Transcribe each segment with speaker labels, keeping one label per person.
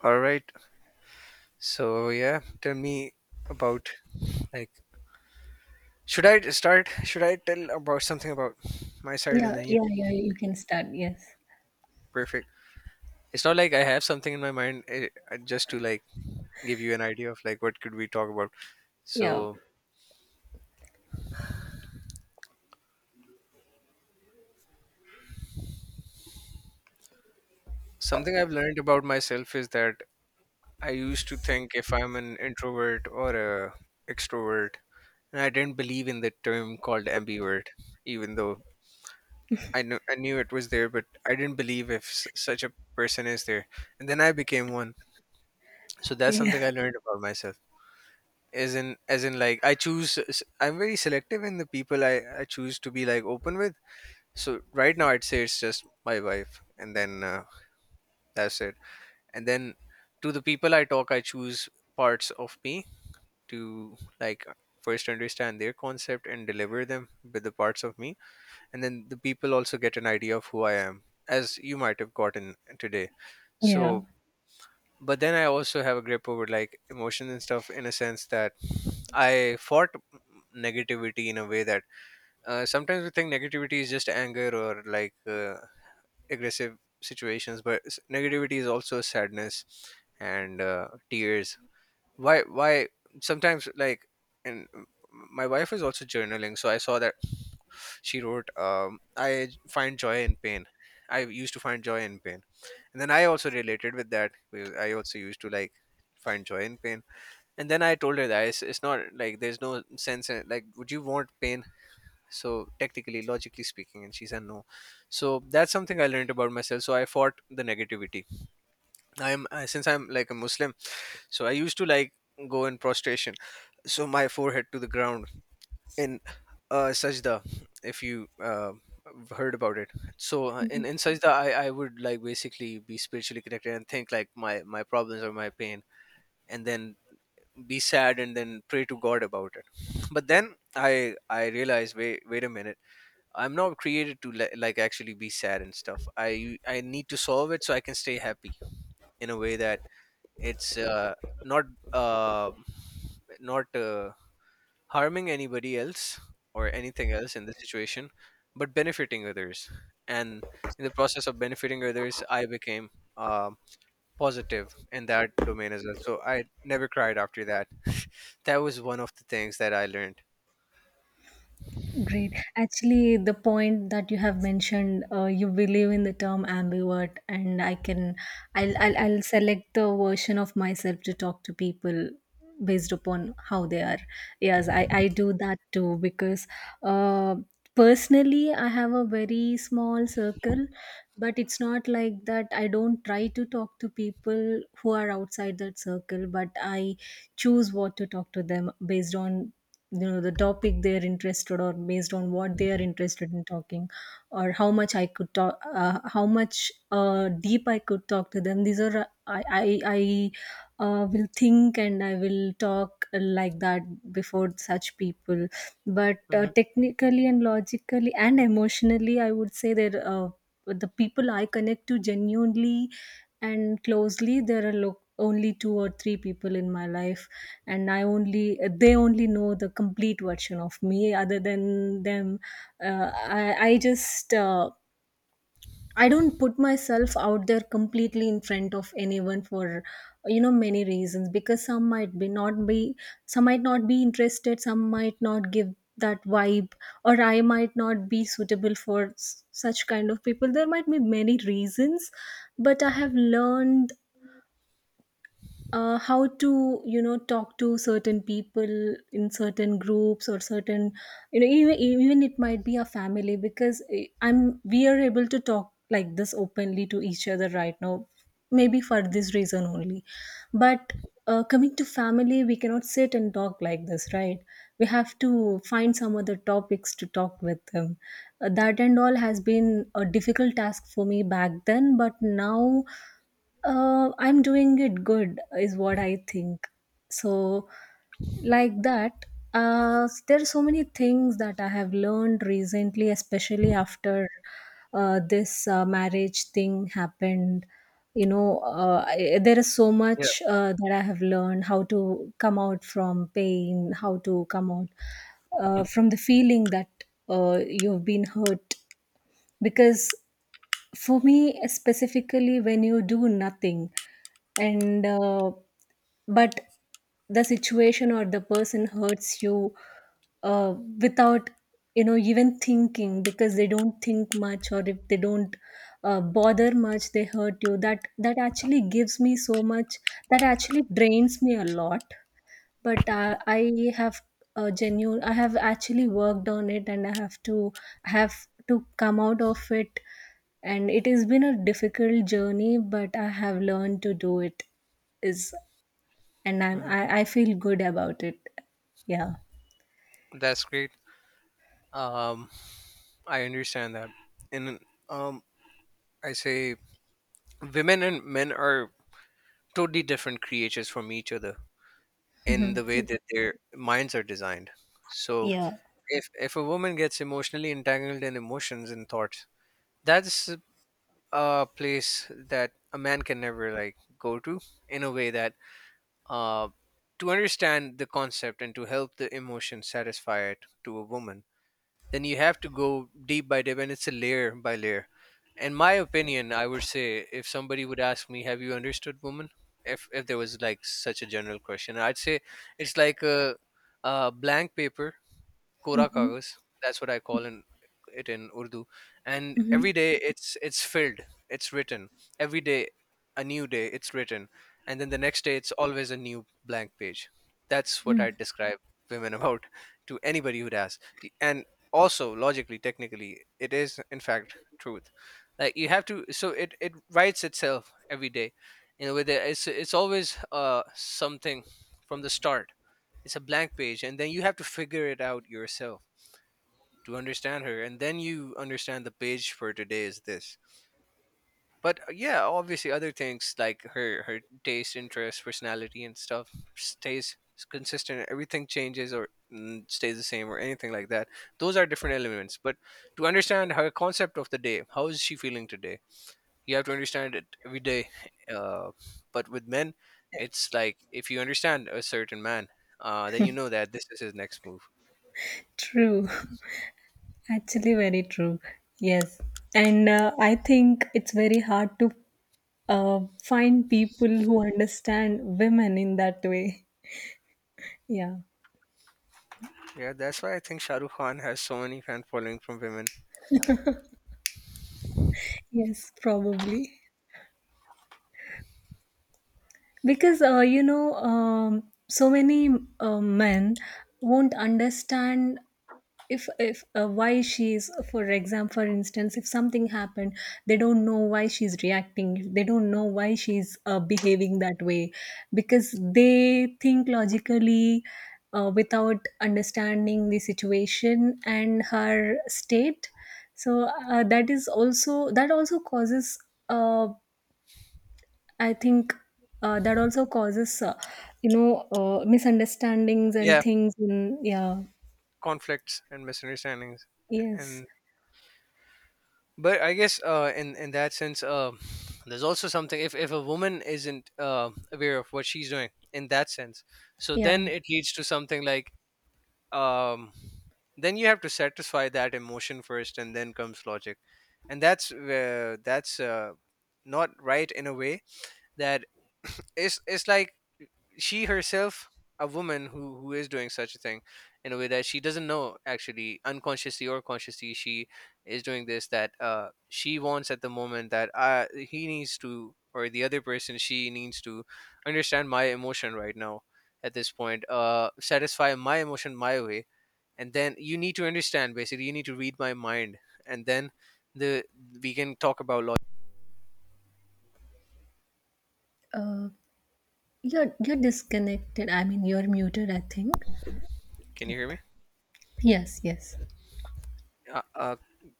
Speaker 1: All right. So yeah, tell me about like should I start? Should I tell about something about my side, and
Speaker 2: Yeah,
Speaker 1: then you
Speaker 2: yeah, yeah,
Speaker 1: can
Speaker 2: you can start, yes.
Speaker 1: perfect. It's not like I have something in my mind just to give you an idea of like what could we talk about.
Speaker 2: Yeah.
Speaker 1: So something I've learned about myself is that I used to think if I'm an introvert or a extrovert, and I didn't believe in the term called ambivert, even though I knew it was there, but I didn't believe if such a person is there. And then I became one. So that's something
Speaker 2: Yeah.
Speaker 1: I learned about myself. Like I choose. I'm very selective in the people I choose to be like open with. So right now I'd say it's just my wife, and then that's it. And then to the people I talk, I choose parts of me to like first understand their concept and deliver them with the parts of me, and then the people also get an idea of who I am, as you might have gotten today.
Speaker 2: Yeah.
Speaker 1: So, but then I also have a grip over like emotions and stuff in a sense that I fought negativity in a way that sometimes we think negativity is just anger or like aggressive situations, but negativity is also sadness and tears. Why? Why sometimes like and my wife is also journaling, so I saw that she wrote, I find joy in pain. I used to find joy in pain. And then I also related with that, because I also used to like find joy in pain. And then I told her that it's not like there's no sense in like, would you want pain? So, technically, logically speaking, and she said no. So, that's something I learned about myself. So, I fought the negativity. I'm since I'm like a Muslim, so I used to like go in prostration, so my forehead to the ground in Sajda, if you heard about it. So in Sajda, I would like basically be spiritually connected and think like my problems or my pain, and then be sad and then pray to God about it. But then I realized wait a minute, I'm not created to like actually be sad and stuff. I need to solve it so I can stay happy in a way that it's not uh, not. Harming anybody else or anything else in the situation, but benefiting others. And in the process of benefiting others, I became um positive in that domain as well. So I never cried after that. That was one of the things that I learned.
Speaker 2: Great. Actually, the point that you have mentioned, you believe in the term ambivert, and I can, I'll select the version of myself to talk to people based upon how they are. Yes, I do that too because, uh, personally, I have a very small circle, but it's not like that. I don't try to talk to people who are outside that circle, but I choose what to talk to them based on you know the topic they're interested or based on what they are interested in talking or how much I could talk how much deep I could talk to them. These are I will think and I will talk like that before such people, but
Speaker 1: Hmm
Speaker 2: technically and logically and emotionally I would say that the people I connect to genuinely and closely, there are only two or three people in my life, and I only they only know the complete version of me other than them. Uh, i i just I don't put myself out there completely in front of anyone for you know many reasons, because some might be not be some might not be interested, some might not give that vibe, or I might not be suitable for such kind of people. There might be many reasons, but I have learned how to you know talk to certain people in certain groups or certain you know, even it might be a family because eh, I'm we are able to talk like this openly to each other right now, maybe for this reason only. But coming to family, we cannot sit and talk like this, right? We have to find some other topics to talk with them. That and all has been a difficult task for me back then, but now I'm doing it good, is what I think. So, like that, there are so many things that I have learned recently, especially after this marriage thing happened. You know, there is so
Speaker 1: Yeah,
Speaker 2: much that I have learned, how to come out from pain, how to come out from the feeling that you've been hurt, because for me, specifically, when you do nothing, and but the situation or the person hurts you without you know even thinking, because they don't think much, or if they don't bother much, they hurt you. That actually gives me so much, that actually drains me a lot. But have I have actually worked on it, and I have to come out of it. And it has been a difficult journey, but I have learned to do it is And
Speaker 1: hmm
Speaker 2: I feel good about it. Yeah.
Speaker 1: that's great. Um, I understand that. And um, I say women and men are totally different creatures from each other in the way that their minds are designed. So
Speaker 2: Yeah.
Speaker 1: if a woman gets emotionally entangled in emotions and thoughts, that's a place that a man can never like go to, in a way that uh to understand the concept and to help the emotion satisfy it to a woman, then you have to go deep by deep, and it's a layer by layer. In my opinion, I would say if somebody would ask me have you understood woman, if there was like such a general question, I'd say it's like a blank paper, Kora
Speaker 2: Mm-hmm.
Speaker 1: kagas. That's what I it in Urdu. And
Speaker 2: Mm-hmm.
Speaker 1: every day it's filled, it's written. Every day, a new day, it's written, and then the next day it's always a new blank page. That's what I describe women about to anybody who'd ask. And also, logically, technically, it is in fact truth. Like you have to, so it writes itself every day. You know, with it, it's always something from the start. It's a blank page, and then you have to figure it out yourself to understand her, and then you understand the page for today is this. But yeah, obviously other things like her taste, interest, personality and stuff stays consistent, everything changes or stays the same or anything like that. Those are different elements, but to understand her concept of the day, how is she feeling today, you have to understand it every day. uh, but with men, it's like if you understand a certain man, then you know that this is his next move.
Speaker 2: True. Actually, very true. Yes. And I think it's very hard to find people who understand women in that way. Yeah.
Speaker 1: Yeah, that's why I think Shahrukh Khan has so many fan following from women.
Speaker 2: Yes, probably. Because, you know, so many men won't understand if why she's, for example, for instance, if something happened, they don't know why she's reacting. They don't know why she's behaving that way, because they think logically without understanding the situation and her state. So that also causes uh, I think uh, that also causes, uh, you know, misunderstandings and
Speaker 1: Yeah,
Speaker 2: things. In, yeah.
Speaker 1: conflicts and misunderstandings,
Speaker 2: Yes.
Speaker 1: and but I guess in that sense, there's also something if a woman isn't aware of what she's doing in that sense, so
Speaker 2: Yeah.
Speaker 1: then it leads to something like um then you have to satisfy that emotion first, and then comes logic. And that's where that's not right, in a way that it's like she herself, a woman who is doing such a thing, in a way that she doesn't know actually, unconsciously or consciously, she is doing this, that she wants at the moment that he needs to, or the other person, she needs to understand my emotion right now, at this point satisfy my emotion my way, and then you need to understand, basically you need to read my mind, and then the we can talk about logic.
Speaker 2: Uh, you're disconnected. I mean, you're muted. I think.
Speaker 1: Can you hear
Speaker 2: Yep.
Speaker 1: me?
Speaker 2: Yes. Yes.
Speaker 1: uh, uh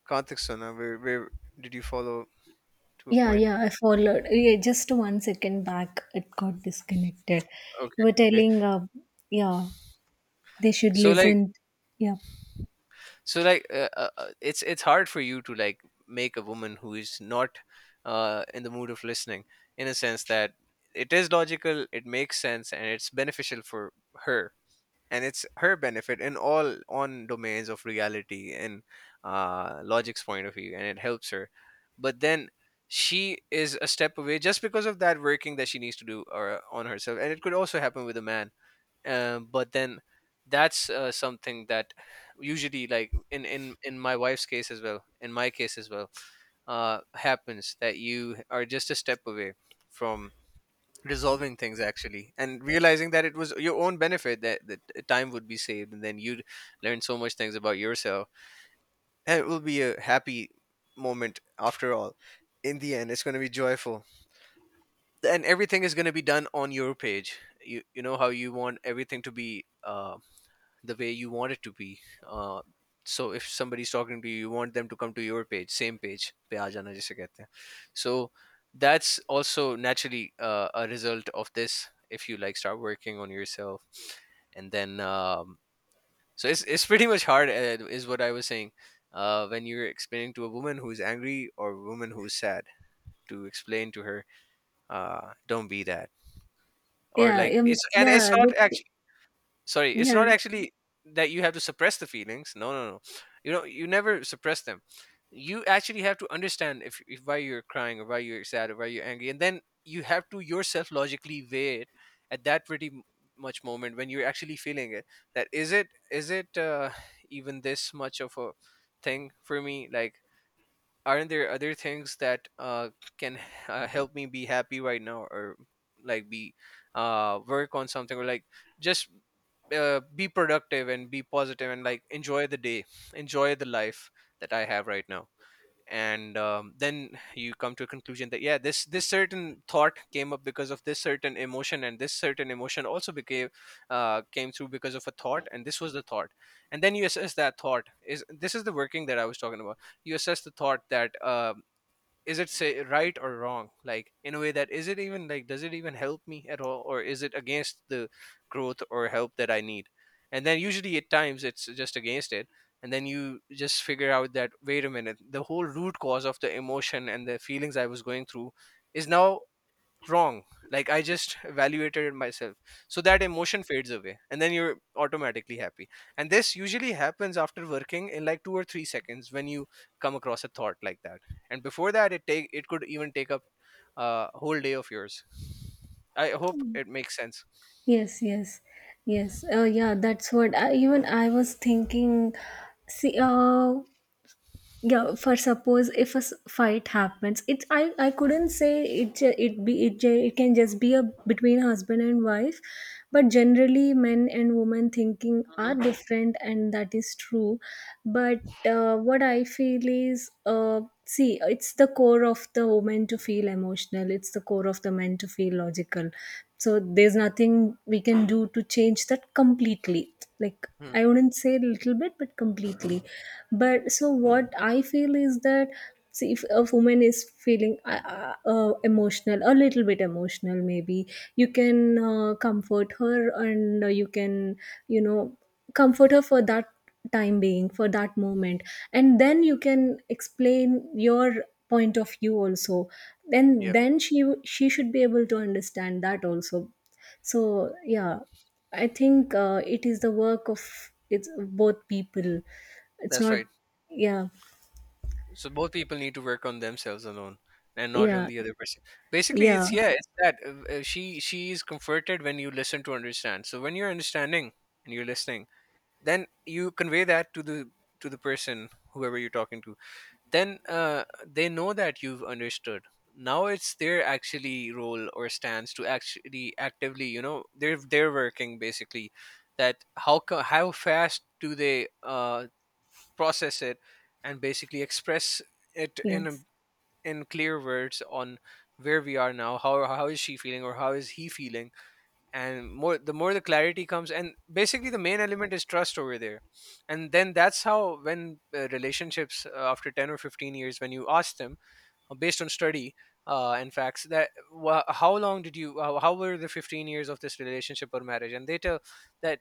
Speaker 1: Karthik Sona, where did you follow to a
Speaker 2: Yeah.
Speaker 1: point.
Speaker 2: Yeah. I followed. Yeah, just one second back, it got disconnected. You
Speaker 1: Okay,
Speaker 2: were
Speaker 1: okay.
Speaker 2: telling. Yeah. They should
Speaker 1: So like,
Speaker 2: listen. Yeah.
Speaker 1: so like, it's hard for you to like make a woman who is not in the mood of listening, in a sense that it is logical, it makes sense, and it's beneficial for her, and it's her benefit in all on domains of reality and logic's point of view, and it helps her. But then she is a step away just because of that working that she needs to do or on herself, and it could also happen with a man, but then that's something that usually like in in my wife's case as well, in my case as well, happens that you are just a step away from resolving things actually and realizing that it was your own benefit, that time would be saved, and then you'd learn so much things about yourself, and it will be a happy moment after all. In the end, it's going to be joyful, and everything is going to be done on your page. You know how you want everything to be, the way you want it to be. uh, so if somebody's talking to you, you want them to come to your page, same page पे आ जाना जिसे कहते हैं. So that's also naturally a result of this if you like start working on yourself. And then so it's pretty much hard, is what I was saying. When you're explaining to a woman who's angry or a woman who's sad, to explain to her, don't be that, or
Speaker 2: Yeah.
Speaker 1: like it's and
Speaker 2: Yeah.
Speaker 1: it's not, sorry it's
Speaker 2: Yeah.
Speaker 1: not actually that you have to suppress the feelings, no no no, you know you never suppress them. You actually have to understand if why you're crying or why you're sad or why you're angry, and then you have to yourself logically weigh it at that pretty much moment when you're actually feeling it. That is it even this much of a thing for me, like aren't there other things that can help me be happy right now, or like be work on something, or like just be productive and be positive and like enjoy the day, enjoy the life that I have right now. And then you come to a conclusion that yeah this certain thought came up because of this certain emotion, and this certain emotion also became came through because of a thought, and this was the thought. And then you assess that thought, is this is the working that I was talking about. You assess the thought that is it say right or wrong, like in a way that is it even like does it even help me at all, or is it against the growth or help that I need. And then usually at times it's just against it, and then you just figure out that wait a minute, the whole root cause of the emotion and the feelings I was going through is now wrong, like I just evaluated it myself. So that emotion fades away, and then you're automatically happy. And this usually happens after working in like 2 or 3 seconds when you come across a thought like that. And before that It take it could even take up a whole day of yours. I hope it makes sense.
Speaker 2: Yes, yes, yes. Yeah, that's what I, even I was thinking. See, yeah. For suppose, if a fight happens, it I couldn't say it ju- it be it, ju- it can just be a between husband and wife, but generally men and women thinking are
Speaker 1: Hmm.
Speaker 2: different, and that is true. But what I feel is see, it's the core of the woman to feel emotional, it's the core of the man to feel logical. So there's nothing we can do to change that completely. Like,
Speaker 1: Hmm.
Speaker 2: I wouldn't say little bit, but completely. But so what I feel is that, see, if a woman is feeling emotional, a little bit emotional, maybe you can comfort her, and you can you know comfort her for that time being, for that moment, and then you can explain your point of view also. Then
Speaker 1: Yeah,
Speaker 2: she should be able to understand that also. So yeah, I think it is the work of, it's both people, it's
Speaker 1: that's
Speaker 2: not.
Speaker 1: right.
Speaker 2: Yeah.
Speaker 1: So both people need to work on themselves alone and not on
Speaker 2: yeah
Speaker 1: the other person. Basically
Speaker 2: yeah
Speaker 1: it's yeah it's that she is comforted when you listen to understand. So when you're understanding and you're listening, then you convey that to the person whoever you're talking to. Then they know that you've understood. Now it's their actually role or stance to actually actively they're working basically. That how fast do they process it and basically express it in
Speaker 2: yes,
Speaker 1: in clear words on where we are now, how is she feeling or how is he feeling. And more the clarity comes, and basically the main element is trust over there. And then that's how when relationships after 10 or 15 years, when you ask them, based on study and facts, that wha how long did you how were the 15 years of this relationship or marriage, and they tell that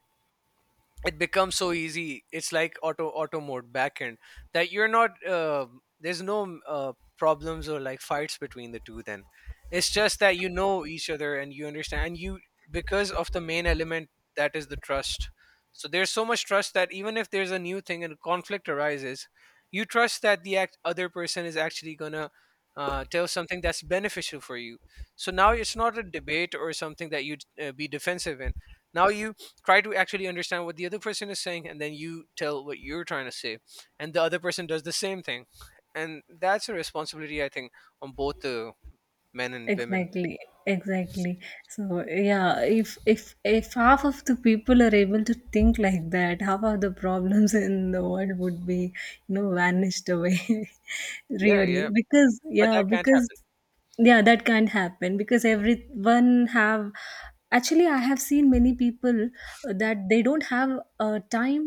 Speaker 1: it becomes so easy. It's like auto mode backend, that you're not there's no problems or like fights between the two then. It's just that you know each other and you understand, and you, because of the main element, that is the trust. So there's so much trust that even if there's a new thing and a conflict arises, you trust that other person is actually gonna tell something that's beneficial for you. So now it's not a debate or something that you'd be defensive in. Now you try to actually understand what the other person is saying, and then you tell what you're trying to say, and the other person does the same thing. And that's a responsibility, I think, on both the men and women.
Speaker 2: exactly, exactly. So yeah, if half of the people are able to think like that, half of the problems in the world would be, you know, vanished away.
Speaker 1: Yeah,
Speaker 2: Really,
Speaker 1: yeah,
Speaker 2: because
Speaker 1: but
Speaker 2: yeah,
Speaker 1: that can't
Speaker 2: because
Speaker 1: happen.
Speaker 2: yeah, that can't happen because everyone have. Actually, I have seen many people that they don't have a time.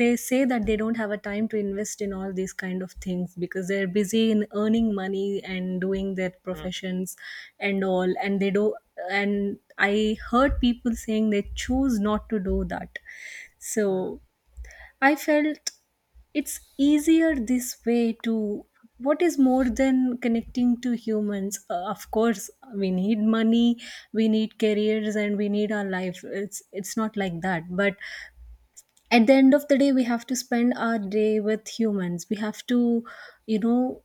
Speaker 2: They say that they don't have a time to invest in all these kind of things, because they're busy in earning money and doing their
Speaker 1: Mhm.
Speaker 2: professions and all. And they do, and I heard people saying they choose not to do that. So
Speaker 1: Mhm.
Speaker 2: I felt it's easier this way to, what is more than connecting to humans? Uh, of course we need money, we need careers, and we need our life, it's not like that. But at the end of the day, we have to spend our day with humans, we have to you know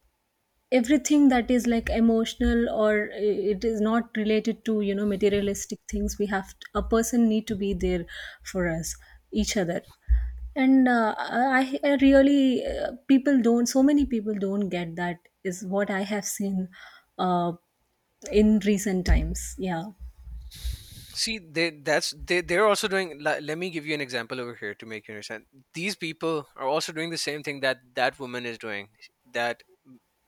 Speaker 2: everything that is like emotional, or it is not related to you know materialistic things, we have to, a person need to be there for us, each other. And I really people don't, so many people don't get that, is what I have seen uh, in recent times. Yeah.
Speaker 1: See, they, that's, they they're also doing. Let me give you an example over here to make you understand. These people are also doing the same thing that that woman is doing. That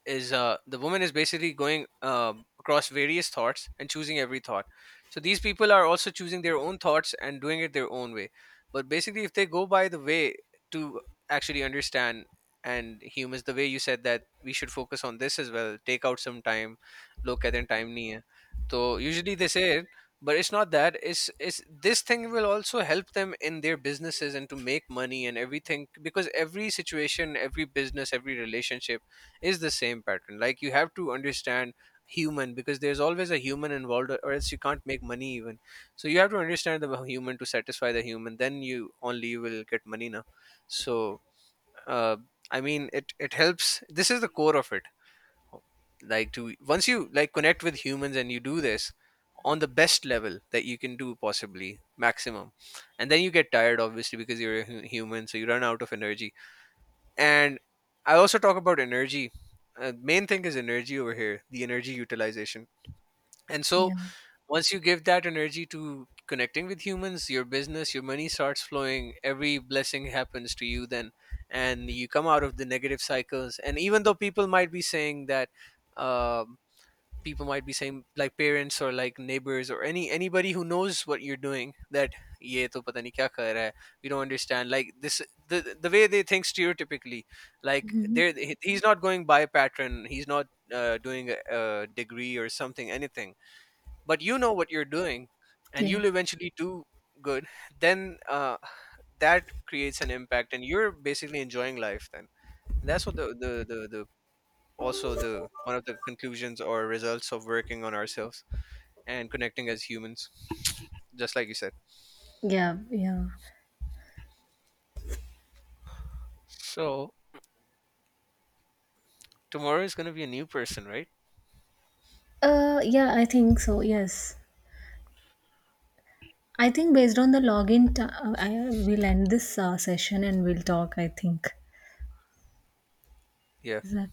Speaker 1: is the woman is basically going across various thoughts and choosing every thought. So these people are also choosing their own thoughts and doing it their own way. But basically, if they go by the way to actually understand and humans, the way you said that we should focus on this as well, take out some time, look at in time near. So usually they say, but it's not that. It's this thing will also help them in their businesses and to make money and everything, because every situation, every business, every relationship is the same pattern. Like, you have to understand human, because there's always a human involved, or else you can't make money even. So you have to understand the human to satisfy the human, then you only will get money now. So uh, I mean, it helps. This is the core of it. Like, to once you like connect with humans and you do this on the best level that you can do, possibly maximum. And then you get tired obviously, because you're a human, so you run out of energy. And I also talk about energy. Main thing is energy over here, the energy utilization. And so
Speaker 2: Yeah.
Speaker 1: once you give that energy to connecting with humans, your business, your money starts flowing, every blessing happens to you then. And you come out of the negative cycles. And even though people might be saying that um, people might be saying like parents or like neighbors or any anybody who knows what you're doing, that ye to pata nahi kya kar raha hai, we don't understand, like this, the the way they think stereotypically. Like, there, he's not going by pattern, he's not doing a degree or something, anything. But you know what you're doing, and
Speaker 2: yeah
Speaker 1: you'll eventually do good. Then uh, that creates an impact, and you're basically enjoying life then. And that's what the also the one of the conclusions or results of working on ourselves and connecting as humans, just like you said.
Speaker 2: yeah yeah
Speaker 1: So tomorrow is going to be a new person, right?
Speaker 2: yeah, I think so, yes. I think based on the login I will end this session, and we'll talk, I think,
Speaker 1: Yeah.
Speaker 2: that.